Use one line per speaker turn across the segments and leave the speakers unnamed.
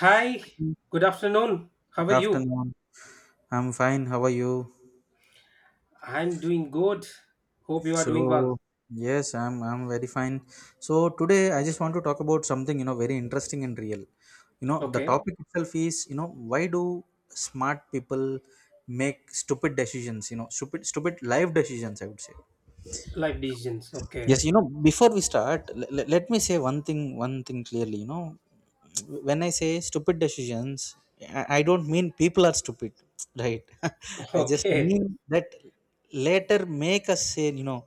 Hi,
Good
good afternoon. How are you?
afternoon. I'm fine. How are you?
I'm doing good. Hope you are
So,
doing well.
yes, I'm very fine. So today I just want to talk about something, you know, very interesting and real. You know, the
Okay.
topic itself is, you know, why do smart people make stupid decisions, you know, stupid life decisions, I would say.
Life decisions. Okay.
Yes, you know, before we start, let me say one thing clearly. You know, when I say stupid decisions, I don't mean people are stupid, right? I just
Okay.
mean that later make us say, you know,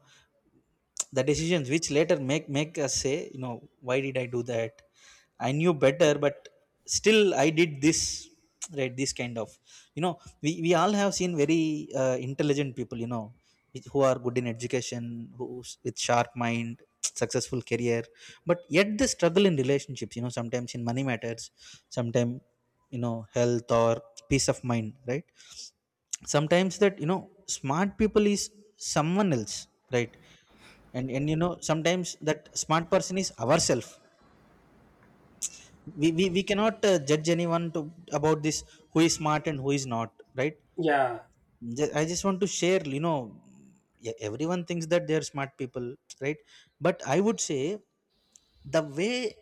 the decisions which later make us say, you know, why did I do that? I knew better, but still I did this, right? This kind of, you know, we all have seen very intelligent people, you know, who are good in education, who's with sharp mind, successful career, but yet they struggle in relationships, you know, sometimes in money matters, sometimes, you know, health or peace of mind, right? Sometimes that, you know, smart people is someone else, right? And you know, sometimes that smart person is ourself. We cannot judge anyone to about this, who is smart and who is not, right?
Yeah.
I just want to share, you know, everyone thinks that they're smart people, right? But I would say the way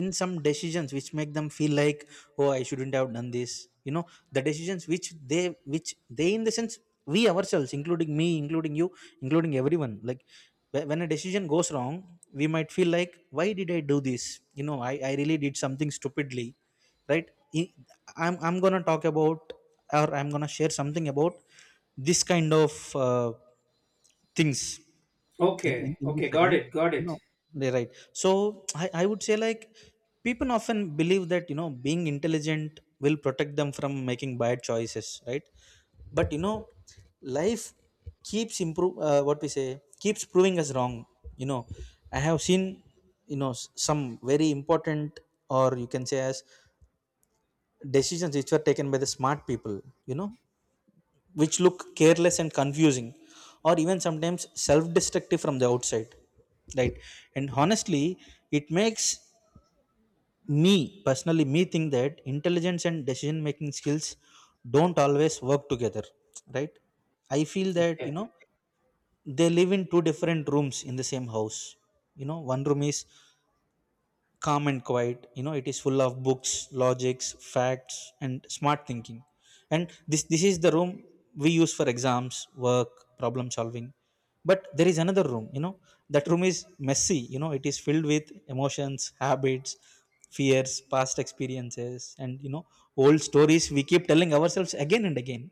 in some decisions which make them feel like, oh, I shouldn't have done this, you know, the decisions which they, in the sense, we ourselves, including me, including you, including everyone, like when a decision goes wrong, we might feel like, why did I do this? You know, I really did something stupidly, right? I- I'm going to talk about, or I'm going to share something about this kind of uh, things in, in
Okay.
in this
Okay. Got
segment.
it. Got
No,
it.
they're right. So, I would say, like, people often believe that, you know, being intelligent will protect them from making bad choices, right? But you know, life keeps improve what we say keeps proving us wrong, you know. I have seen, you know, some very important, or you can say as, decisions which were taken by the smart people, you know, which look careless and confusing, or even sometimes self-destructive from the outside, right? And honestly, it makes me, personally me, think that intelligence and decision making skills don't always work together, right? I feel that,
Okay.
you know, they live in two different rooms in the same house. You know, one room is calm and quiet, you know, it is full of books, logics, facts and smart thinking. And this is the room we use for exams, work, problem solving. But there is another room, you know, that room is messy, you know, it is filled with emotions, habits, fears, past experiences, and you know, old stories we keep telling ourselves again and again,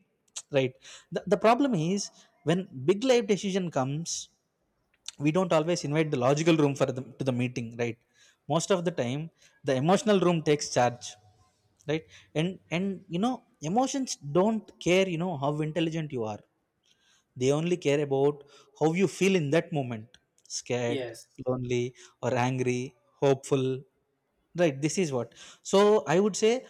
right? The problem is, when big life decision comes, we don't always invite the logical room to the meeting, right? Most of the time, the emotional room takes charge, right? And you know, emotions don't care, you know, how intelligent you are. They only care about how you feel in that moment: scared,
Yes.
lonely, or angry, hopeful. Right, this is what. So I would say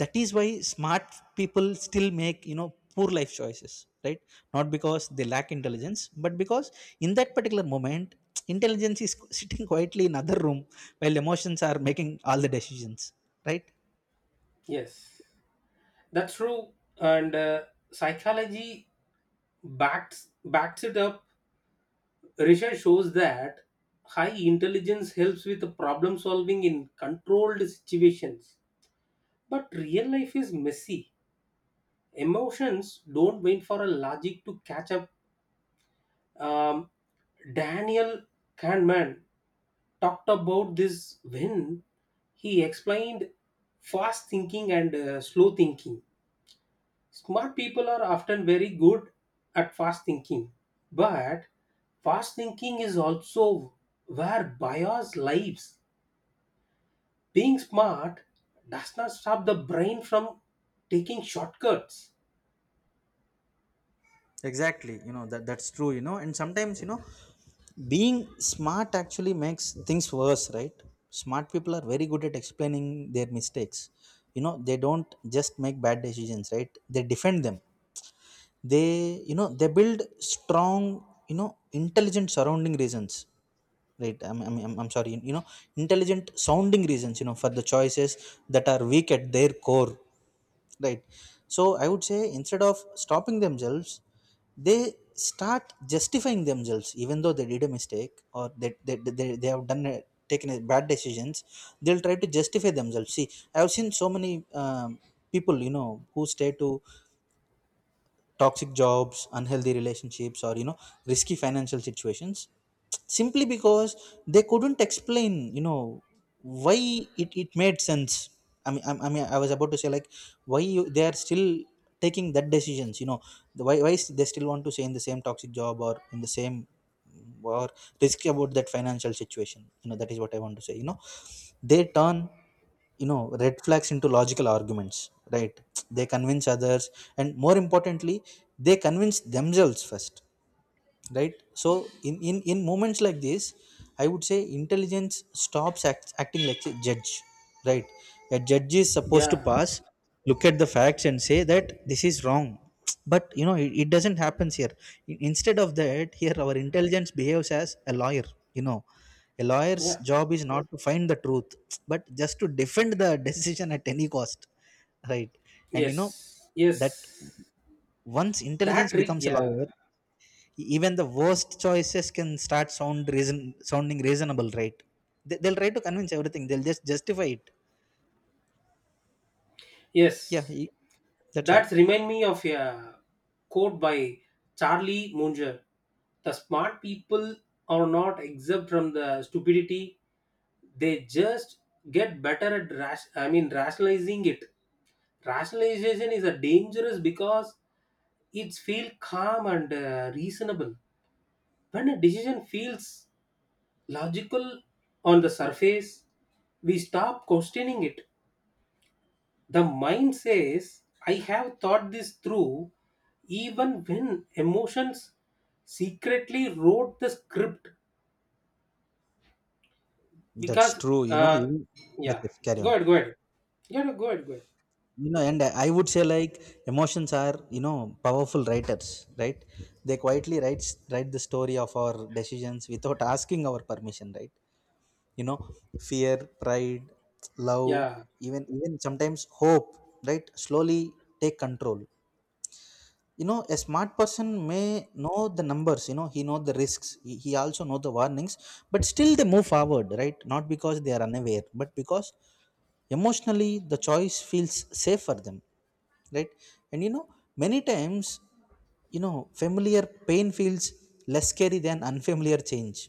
that is why smart people still make, you know, poor life choices, right? Not because they lack intelligence, but because in that particular moment, intelligence is sitting quietly in other room while emotions are making all the decisions, right?
Yes. That's true. And psychology backs it up. Research shows that high intelligence helps with the problem solving in controlled situations. But real life is messy, emotions don't wait for a logic to catch up. Um, Daniel Kahneman talked about this when he explained fast thinking and slow thinking. Smart people are often very good at fast thinking, but fast thinking is also where bias lives. Being smart does not stop the brain from taking shortcuts.
Exactly, you know, that's true, you know, and sometimes, you know, being smart actually makes things worse, right? Smart people are very good at explaining their mistakes, you know. They don't just make bad decisions, right, they defend them. They, you know, they build strong, you know, intelligent surrounding reasons, right? I'm sorry, you know, intelligent sounding reasons, you know, for the choices that are weak at their core. Right. So I would say, instead of stopping themselves, they start justifying themselves, even though they did a mistake, or they have done a, taken a bad decisions. They'll try to justify themselves. See, I have seen so many people, you know, who stay to toxic jobs, unhealthy relationships, or you know, risky financial situations, simply because they couldn't explain, you know, why it made sense. I mean, I mean, I was about to say, like, why you, they are still taking that decisions, you know, why, they still want to stay in the same toxic job, or in the same or risk about that financial situation, you know, that is what I want to say, you know. They turn, you know, red flags into logical arguments, right? They convince others, and more importantly, they convince themselves first, right? So in moments like this, I would say intelligence stops acting like a judge, right? A judge is supposed to
Yeah,
pass, look at the facts and say that this is wrong, but you know, it doesn't happen here. Instead of that, here our intelligence behaves as a lawyer, you know. A lawyer's
yeah,
job is not to find the truth, but just to defend the decision at any cost, right? And you know
yes,
that,
yes.
once intelligence becomes a
Yeah,
lawyer, even the worst choices can start sound reason sounding reasonable, right? They'll try to convince everything, they'll just justify it. yeah
yes,
y- that's all.
that's remind me of a quote by Charlie Munger. The smart people are not exempt from the stupidity. They just get better at rash I mean rationalizing it. Rationalization is a dangerous because it's feel calm and reasonable. When a decision feels logical on the surface, we stop questioning it. The mind says, I have thought this through, even when emotions secretly wrote the script.
That's
Because,
true, you know,
uh,
yes,
yeah,
yes, carry
go
on.
ahead, go ahead. Yeah, no, go ahead, go ahead.
You know, and I would say, like, emotions are, you know, powerful writers, right? They quietly write the story of our decisions without asking our permission, right? You know, fear, pride, love,
Yeah,
even sometimes hope, right, slowly take control. You know, a smart person may know the numbers, you know, he know the risks, he also know the warnings, but still they move forward, right? Not because they are unaware, but because emotionally the choice feels safe for them, right? And you know, many times, you know, familiar pain feels less scary than unfamiliar change,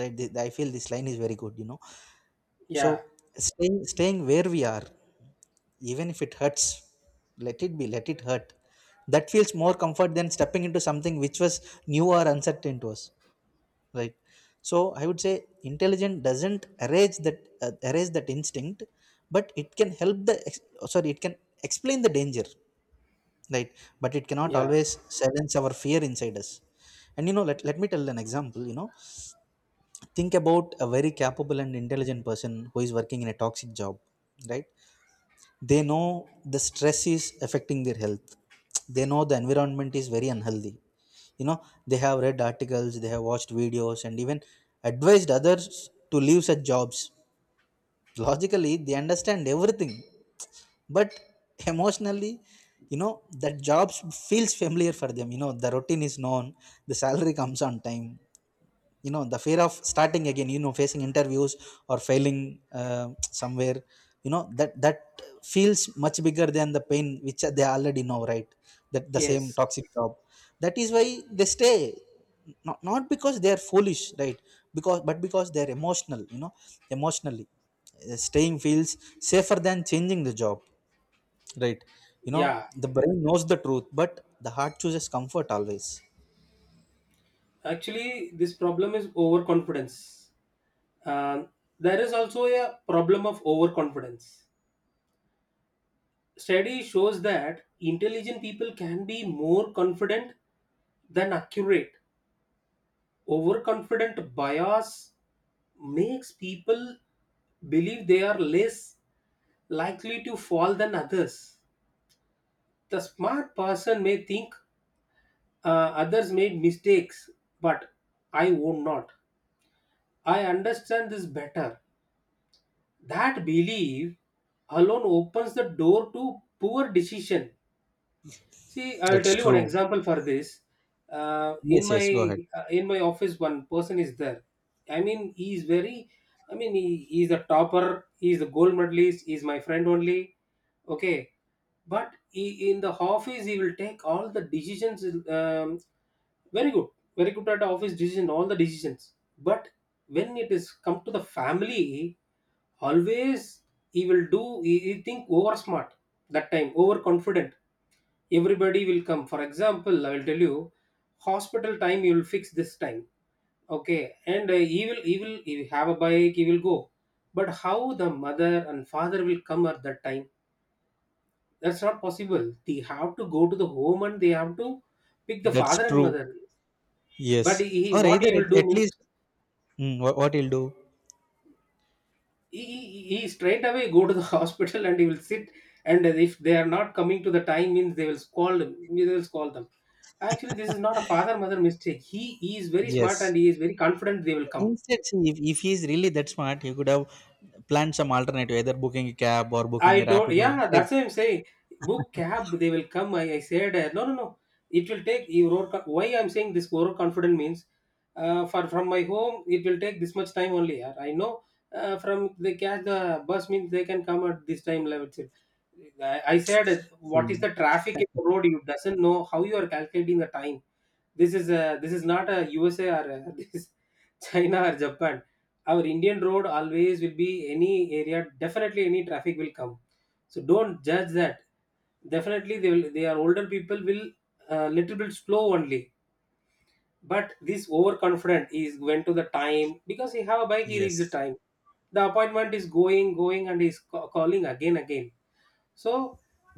right? I feel this line is very good, you know. So,
yeah,
staying where we are, even if it hurts, let it be, let it hurt, that feels more comfort than stepping into something which was new or uncertain to us, right? So I would say intelligence doesn't erase that instinct, but it can help oh, sorry, it can explain the danger, right? But it cannot
yeah,
always silence our fear inside us. And you know, let me tell an example, you know. Think about a very capable and intelligent person who is working in a toxic job, right? They know the stress is affecting their health, they know the environment is very unhealthy, you know. They have read articles, they have watched videos, and even advised others to leave such jobs. Logically they understand everything, but emotionally, you know, that job feels familiar for them, you know. The routine is known, the salary comes on time, you know, the fear of starting again, you know, facing interviews or failing, uh, somewhere, you know, that that feels much bigger than the pain which they already know, right? That the same
yes,
toxic job, that is why they stay. Not because they are foolish, right, because they are emotional, you know. Emotionally, staying feels safer than changing the job, right? You know,
yeah.
the brain knows the truth, but the heart chooses comfort always.
Actually, this problem is overconfidence. Um, there is also a problem of overconfidence. Study shows that intelligent people can be more confident than accurate. Overconfident bias makes people believe they are less likely to fall than others. The smart person may think uh, others made mistakes, but I won't not. I understand this better. That belief alone opens the door to poor decision. See, I'll
That's
tell you one
true.
example for this. Uh, in
Yes, yes, go
my
ahead.
uh, in my office, one person is there. I mean, he is very. I mean, he is a topper. He is a gold medalist. He is my friend only. Okay, but in the office, he will take all the decisions. Very good, very good at the office decision, all the decisions. But when it is come to the family, always he will do. He think over smart that time, over confident, everybody will come. For example, I will tell you, hospital time you will fix this time. Okay, and he will have a bike, he will go. But how the mother and father will come at that time? That's not possible. They have to go to the home and they have to pick the
That's
father and
true.
mother. But
Yes. Or
what
either
he will do
at
means
least what he'll do.
he straight away go to the hospital and he will sit. And if they are not coming to the time means they will scold them, they will scold them. Actually this is not a father mother mistake. He is very smart
Yes.
and he is very confident they will come.
Instead, see, if he's really that smart, he could have planned some alternative, either booking a cab or booking
I
a
don't.
Rapido.
Yeah,
Right.
that's why I'm saying book cab. They will come. I said, no, no, no. It will take you. Why I'm saying this overconfident means, for from my home it will take this much time only. Yeah, I know. From they catch the bus means they can come at this time level itself. I said, what is
See.
the traffic in the road? You doesn't know how you are calculating the time. This is not a USA or this China or Japan. Our indian road always will be any area, definitely any traffic will come. So don't judge that. Definitely they will, they are older people will a little bit slow only. But this overconfident is went to the time, because he have a bike he reached the
Yes.
time. The appointment is going going and is calling again again. So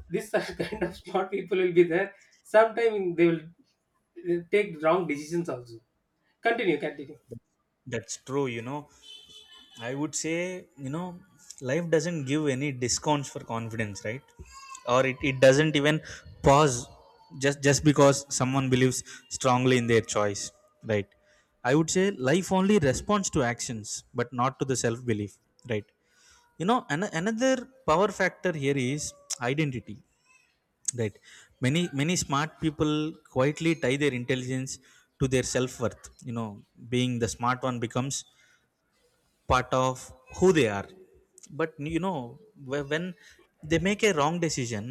this are kind of smart people will be there. Sometimes they will take wrong decisions also. Continue, continue.
That's true, you know. I would say, you know, life doesn't give any discounts for confidence, right? Or it doesn't even pause just because someone believes strongly in their choice, right? I would say life only responds to actions, but not to the self belief, right? You know, another power factor here is identity, right? Many smart people quietly tie their intelligence to their self worth. You know, being the smart one becomes part of who they are. But you know, when they make a wrong decision,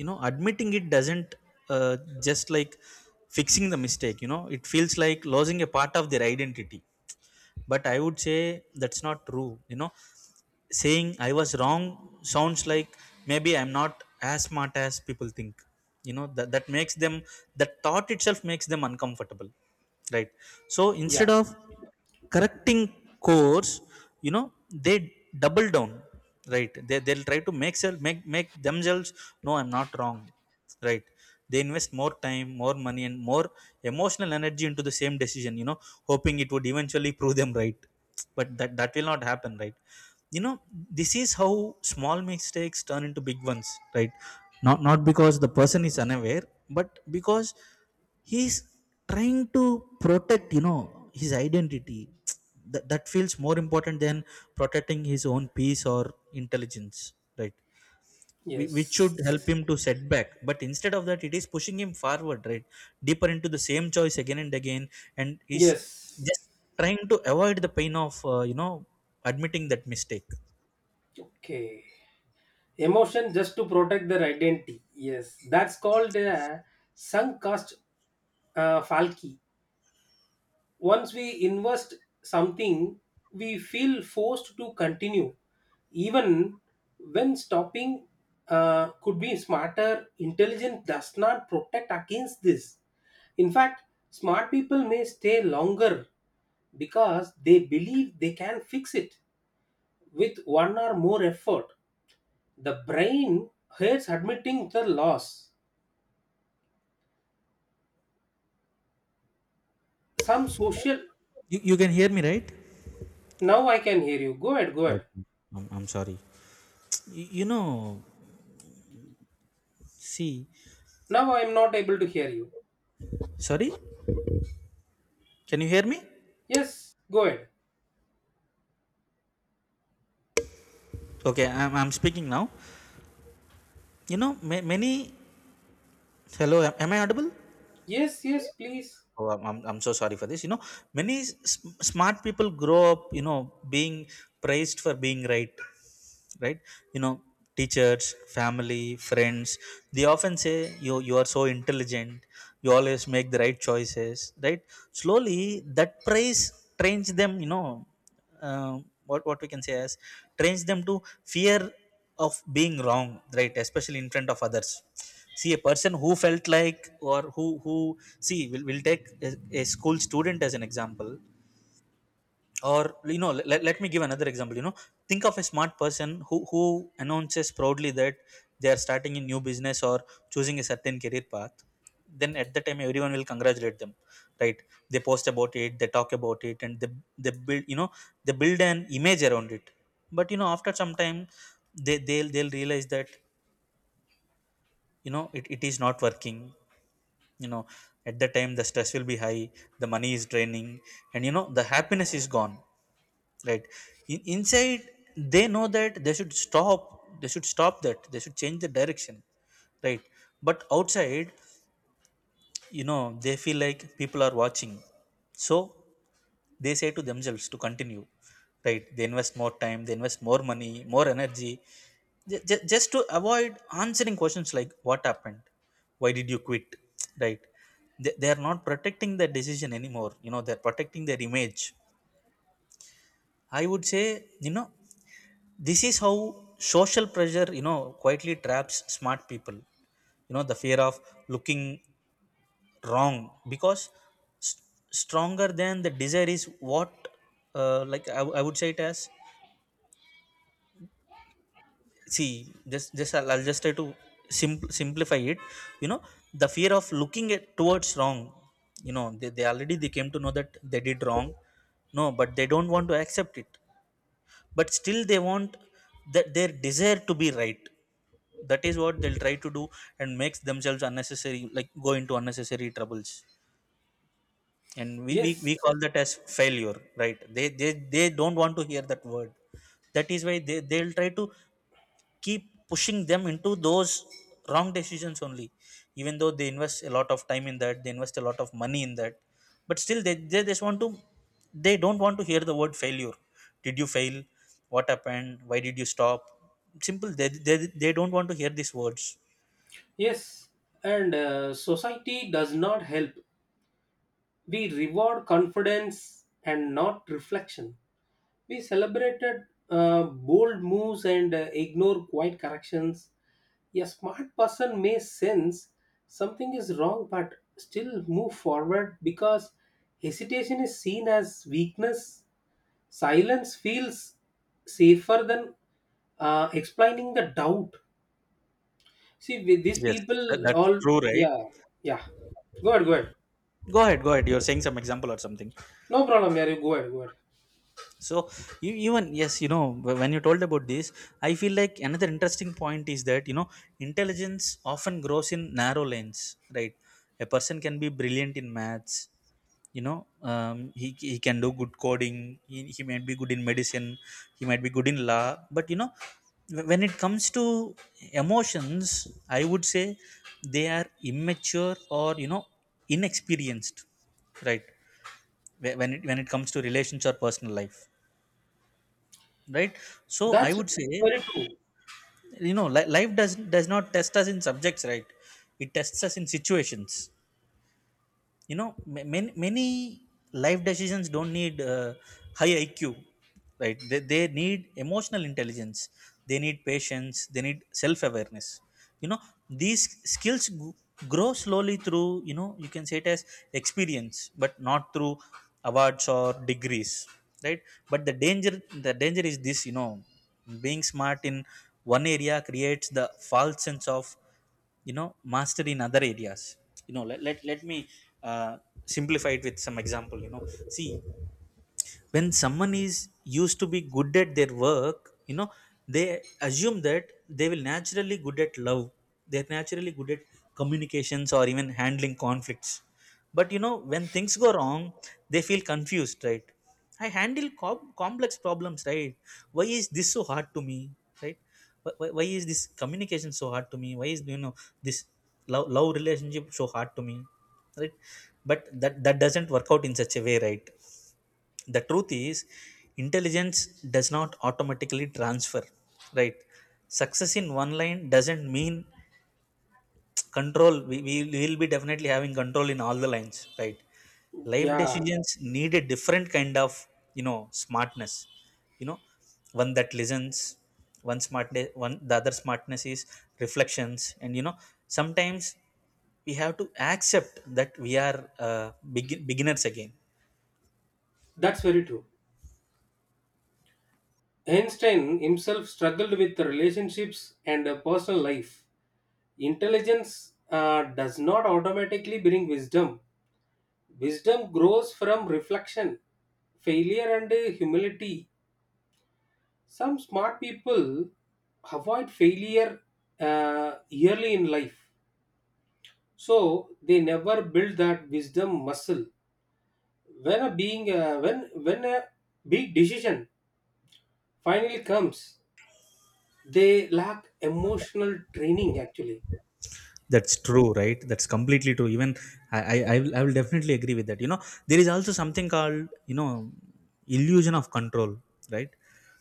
you know, admitting it doesn't, uh, just like fixing the mistake, you know, it feels like losing a part of their identity. But I would say that's not true, you know. Saying I was wrong sounds like, maybe I'm not as smart as people think. You know, that makes them, that thought itself makes them uncomfortable, right? So instead
Yeah,
of correcting course, they double down, right? They'll try to make self make themselves, no I'm not wrong, right? They invest more time, more money, and more emotional energy into the same decision, hoping it would eventually prove them right. But that will not happen, right? you know this is how small mistakes turn into big ones, right? Not because the person is unaware, but because he's trying to protect, his identity. That feels more important than protecting his own peace or intelligence, right? Which should
yes,
help him to set back. But instead of that, it is pushing him forward, right? Deeper into the same choice again and again. And he's
yes.
just trying to avoid the pain of, admitting that mistake.
Okay. Emotion just to protect their identity. Yes. That's called sunk cost falky. Once we invest something, we feel forced to continue, even when stopping could be smarter. Intelligence does not protect against this. In fact, smart people may stay longer because they believe they can fix it with one or more effort. The brain hates admitting the loss. Some social.
You can hear me, right?
Now I can hear you. Go ahead, go ahead.
Okay. I'm sorry. You know, see,
Now I am not able to hear you.
sorry, can you hear me?
Yes, go ahead.
Okay, I'm speaking now. You know, ma- many. Hello, am I audible?
Yes, yes, please.
Oh, I'm so sorry for this. You know, many smart people grow up, you know, being praised for being right, right? You know, teachers, family, friends, they often say, you are so intelligent, you always make the right choices, right? Slowly, that praise trains them, you know, uh, what we can say as trains them to fear of being wrong, right? Especially in front of others. See, a person who felt like, or who see we'll take a school student as an example. Or, you know, let me give another example. You know, think of a smart person who announces proudly that they are starting a new business or choosing a certain career path. Then at that time everyone will congratulate them, right? They post about it, they talk about it, and they build, you know, they build an image around it. But you know, after some time, they'll realize that, you know, it is not working. You know, at that time the stress will be high, the money is draining, and you know, the happiness is gone, right? Inside they know that they should stop, they should stop that they should change the direction, right? But outside, you know, they feel like people are watching. So they say to themselves to continue, right? They invest more time, they invest more money, more energy, just to avoid answering questions like, what happened, why did you quit, right? They are not protecting their decision anymore, you know, they're protecting their image. I would say, you know, this is how social pressure, you know, quietly traps smart people. You know, the fear of looking wrong, because st- stronger than the desire is what, like, I would say it as, see, just I'll just try to simplify it. You know, the fear of looking at towards wrong, you know, they already they came to know that they did wrong. No, but they don't want to accept it. But still they want that their desire to be right, that is what they'll try to do, and makes themselves unnecessary, like go into unnecessary troubles. And we
Yes,
call that as failure, right? They don't want to hear that word. That is why they'll try to keep pushing them into those wrong decisions only, even though they invest a lot of time in that, they invest a lot of money in that. But still they just want to, they don't want to hear the word failure. Did you fail? What happened? Why did you stop? Simple. They don't want to hear these words.
yes. And society does not help. We reward confidence and not reflection. We celebrated bold moves and ignore quiet corrections. A smart person may sense something is wrong but still move forward because hesitation is seen as weakness. Silence feels safer than explaining the doubt. See, with these
Yes, that,
people,
that's
all,
true, right?
yeah, yeah. Go ahead, go ahead.
Go ahead, go ahead. You're saying some example or something.
No problem, yeah, you go ahead, go ahead.
So, you, even yes, you know, when you told about this, I feel like another interesting point is that, you know, intelligence often grows in narrow lanes, right? A person can be brilliant in maths, you know, he can do good coding, he might be good in medicine, he might be good in law. But you know, when it comes to emotions, I would say they are immature, or you know, inexperienced, right? When it comes to relations or personal life, right? So I
That's
would say,
very true.
you know, life does not test us in subjects, right? It tests us in situations. You know, many life decisions don't need, high IQ, right? They need emotional intelligence, they need patience, they need self awareness. You know, these skills grow slowly through, you know, you can say it as experience, but not through awards or degrees, right? But the danger, the danger is this, you know, being smart in one area creates the false sense of, you know, master in other areas. You know, let me, uh, simplify it with some example. You know, see, when someone is used to be good at their work, you know, they assume that they will naturally good at love, they're naturally good at communications or even handling conflicts. But you know, when things go wrong, they feel confused, right? I handle complex problems, right? Why is this so hard to me, right? Why is this communication so hard to me, why is, you know, this love, love relationship so hard to me, right? But that doesn't work out in such a way, right? The truth is, intelligence does not automatically transfer, right? Success in one line doesn't mean control, we will be definitely having control in all the lines, right? Life
Yeah,
decisions need a different kind of, you know, smartness. You know, one that listens, one smart one the other smartness is reflections, and you know, sometimes we have to accept that we are, beginners again.
that's very true. Einstein himself struggled with relationships and a personal life. Intelligence does not automatically bring wisdom. Wisdom grows from reflection, failure, and humility. Some smart people avoid failure early in life, so they never build that wisdom muscle. When a big decision finally comes, they lack emotional training actually.
That's true, right? That's completely true. Even I, I will definitely agree with that. You know, there is also something called, you know, illusion of control, right?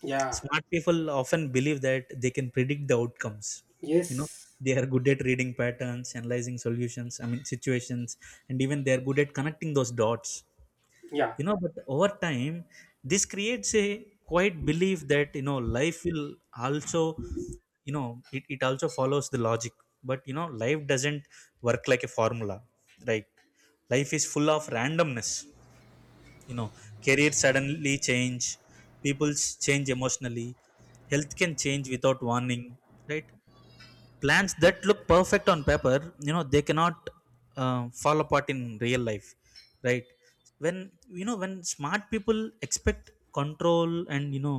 Yeah.
Smart people often believe that they can predict the outcomes. You know,
Yes.
they are good at reading patterns, analyzing solutions. I mean, situations, and even they are good at connecting those dots.
Yeah.
You know, but over time, this creates a quite belief that, you know, life will also, you know, it also follows the logic. But you know, life doesn't work like a formula, right? Life is full of randomness. You know, careers suddenly change, people change emotionally, health can change without warning, right? Plans that look perfect on paper, you know, they cannot, fall apart in real life, right? When, you know, when smart people expect control, and you know,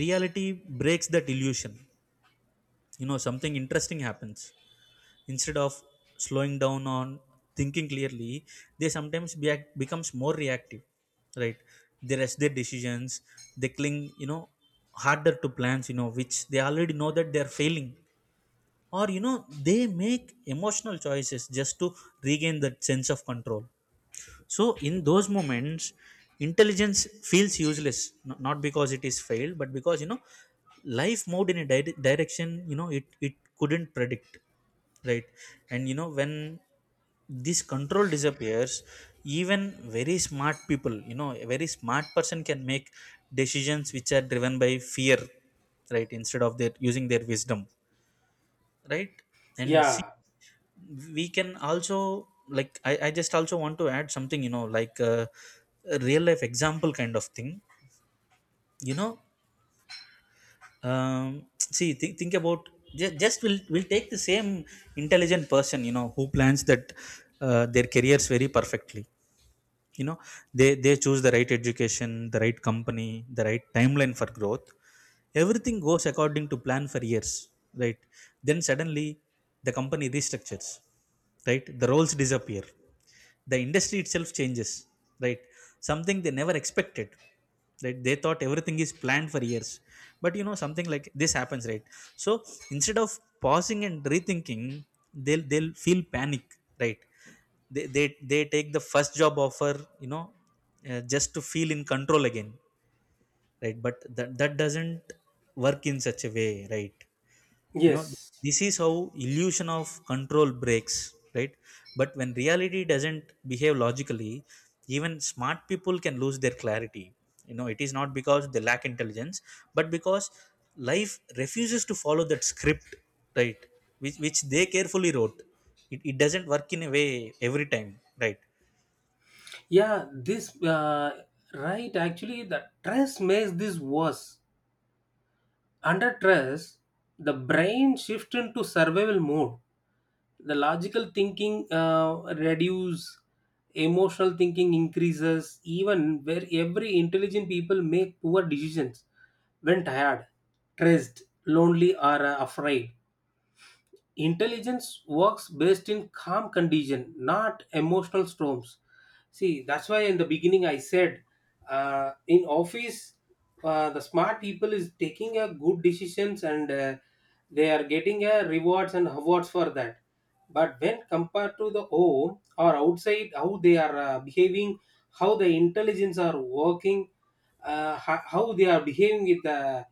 reality breaks that illusion, you know, something interesting happens. Instead of slowing down on thinking clearly, they sometimes becomes more reactive, right? They rush their decisions, they cling, you know, harder to plans, you know, which they already know that they are failing, or you know, they make emotional choices just to regain that sense of control. So in those moments, intelligence feels useless, not because it is failed, but because, you know, life moved in a direction, you know, it couldn't predict, right? And you know, when this control disappears, even very smart people, you know, a very smart person can make decisions which are driven by fear, right? Instead of their using their wisdom, right? And see,
Yeah.
we can also, like, I, just also want to add something, you know, like, a real life example kind of thing. You know, see, think about, just we'll take the same intelligent person, you know, who plans that, their careers very perfectly. You know, they choose the right education, the right company, the right timeline for growth. Everything goes according to plan for years, right? Then suddenly the company restructures, right? The roles disappear, the industry itself changes, right? Something they never expected, right? They thought everything is planned for years, but you know, something like this happens, right? So instead of pausing and rethinking, they'll feel panic, right? They they, they take the first job offer, you know, just to feel in control again, right? But that doesn't work in such a way, right? You know,
Yes.
this is how illusion of control breaks, right? But when reality doesn't behave logically, even smart people can lose their clarity. You know, it is not because they lack intelligence, but because life refuses to follow that script, right? Which they carefully wrote, it doesn't work in a way every time, right?
Yeah. This. Right. Actually, the stress makes this worse. Under stress, the brain shifts into survival mode. The logical thinking reduces. Emotional thinking increases. Even where every intelligent people make poor decisions when tired, stressed, lonely, or afraid. Intelligence works best in calm condition, not emotional storms. See that's why in the beginning I said, in office, the smart people is taking a good decisions and they are getting a rewards and awards for that. But when compared to the home or outside, how they are behaving, how the intelligence are working, how they are behaving with the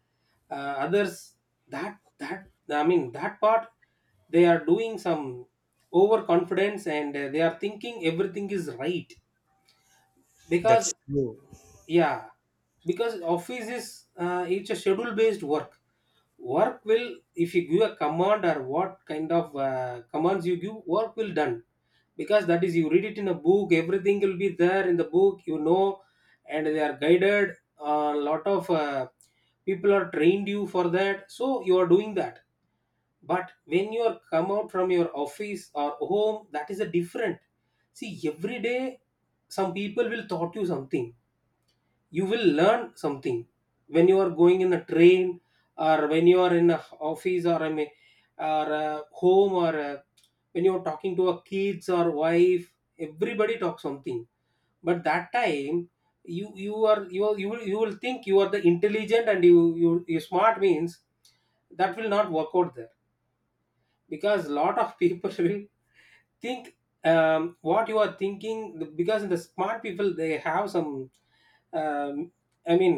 uh, others, that that I mean that part they are doing some overconfidence and they are thinking everything is right,
That's
because
true.
yeah, because office is, it's a schedule based work. Work will, if you give a command or what kind of commands you give, work will done. Because that is you read it in a book, everything will be there in the book, you know. And they are guided, a lot of people are trained you for that, so you are doing that. But when you are come out from your office or home, that is a different. See every day some people will taught you something, you will learn something. When you are going in a train, or when you are in a office, or a home or a, when you are talking to a kids or wife, everybody talks something. But that time, you will think you are the intelligent, and you smart means that will not work out there. Because a lot of people will think, what you are thinking, because the smart people they have some, um, i mean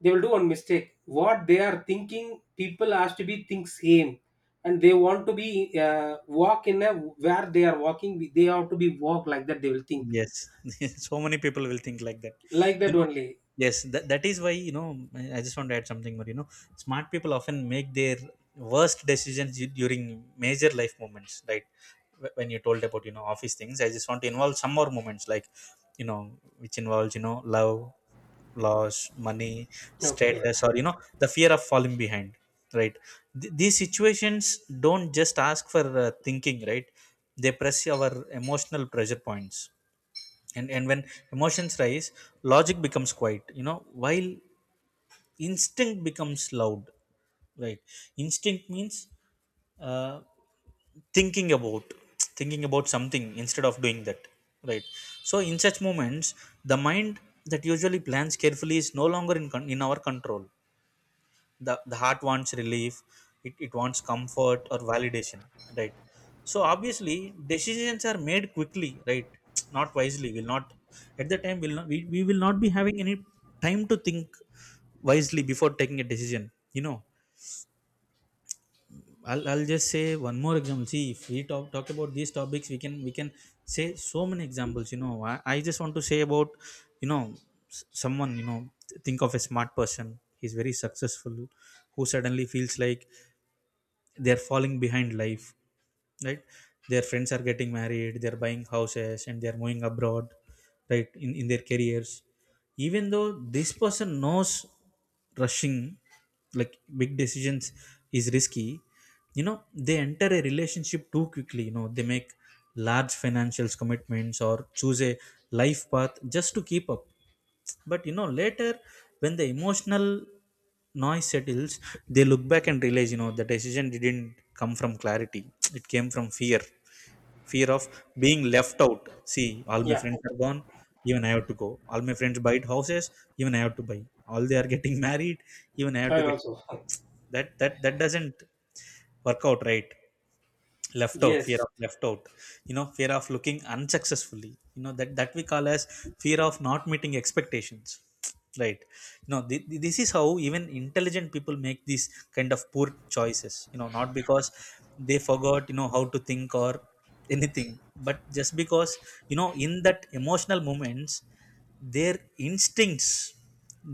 they will do one mistake, what they are thinking people has to be think same. And they want to be walk in a, where they are walking they have to be walk like that, they will think
Yes, so many people will think like that.
like that
You know,
only.
yes, that, that is why, you know, I just want to add something more. You know, smart people often make their worst decisions during major life moments, right? When you told about, you know, office things, I just want to involve some more moments like, you know, which involves, you know, love, loss, money,
Okay,
status, or, you know, the fear of falling behind, right? These situations don't just ask for, thinking, right? They press our emotional pressure points, and when emotions rise, logic becomes quiet, you know, while instinct becomes loud, right? Instinct means, uh, thinking about thinking about something instead of doing that, right? So in such moments, the mind that usually plans carefully is no longer in our control. The heart wants relief, it wants comfort or validation, right? So obviously decisions are made quickly, right? Not wisely, will not at the time will not we will not be having any time to think wisely before taking a decision. You know, I'll just say one more example. See, if we talk about these topics, we can say so many examples. You know, I just want to say about, you know, someone, you know, think of a smart person, he's very successful, who suddenly feels like they're falling behind life, right? Their friends are getting married, they're buying houses, and they're moving abroad, right? In their careers. Even though this person knows rushing like big decisions is risky, you know, they enter a relationship too quickly, you know, they make large financial commitments or choose a life path just to keep up. But you know, later, when the emotional noise settles, they look back and realize, you know, the decision didn't come from clarity, it came from fear. Fear of being left out. See, all my
yeah,
friends are gone, even I have to go, all my friends buy houses, even I have to buy, all they are getting married, even I have
I
to get.
also
That doesn't work out, right? Left out, fear
yes,
of left out. You know, fear of looking unsuccessfully, you know, that that we call as fear of not meeting expectations, right? You know, this is how even intelligent people make these kind of poor choices. You know, not because they forgot, you know, how to think or anything, but just because, you know, in that emotional moments, their instincts,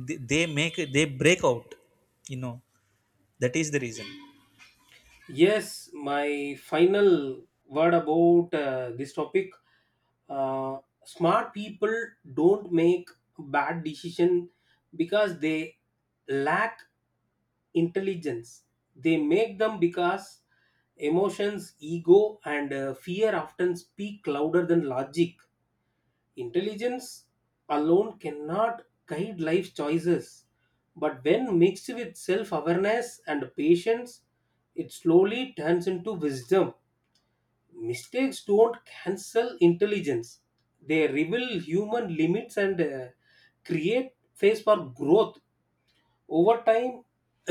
they make they break out, you know, that is the reason.
yes. My final word about this topic, uh, smart people don't make bad decision because they lack intelligence. They make them because emotions, ego and fear often speak louder than logic. Intelligence alone cannot guide life choices, but when mixed with self awareness and patience, it slowly turns into wisdom. Mistakes don't cancel intelligence, they reveal human limits and create space for growth. Over time,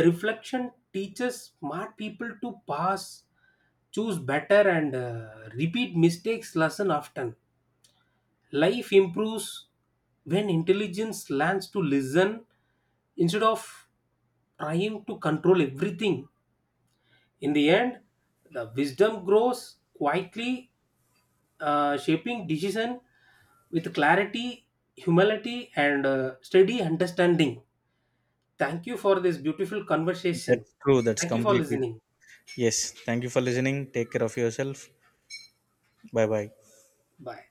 reflection teaches smart people to pass, choose better and repeat mistakes lesson often. Life improves when intelligence learns to listen, instead of trying to control everything. In the end, the wisdom grows quietly, shaping decision with clarity, humility, and steady understanding. Thank you for this beautiful conversation.
That's true, that's
Thank you for
completely.
listening.
Yes, thank you for listening. Take care of yourself. Bye bye.
Bye.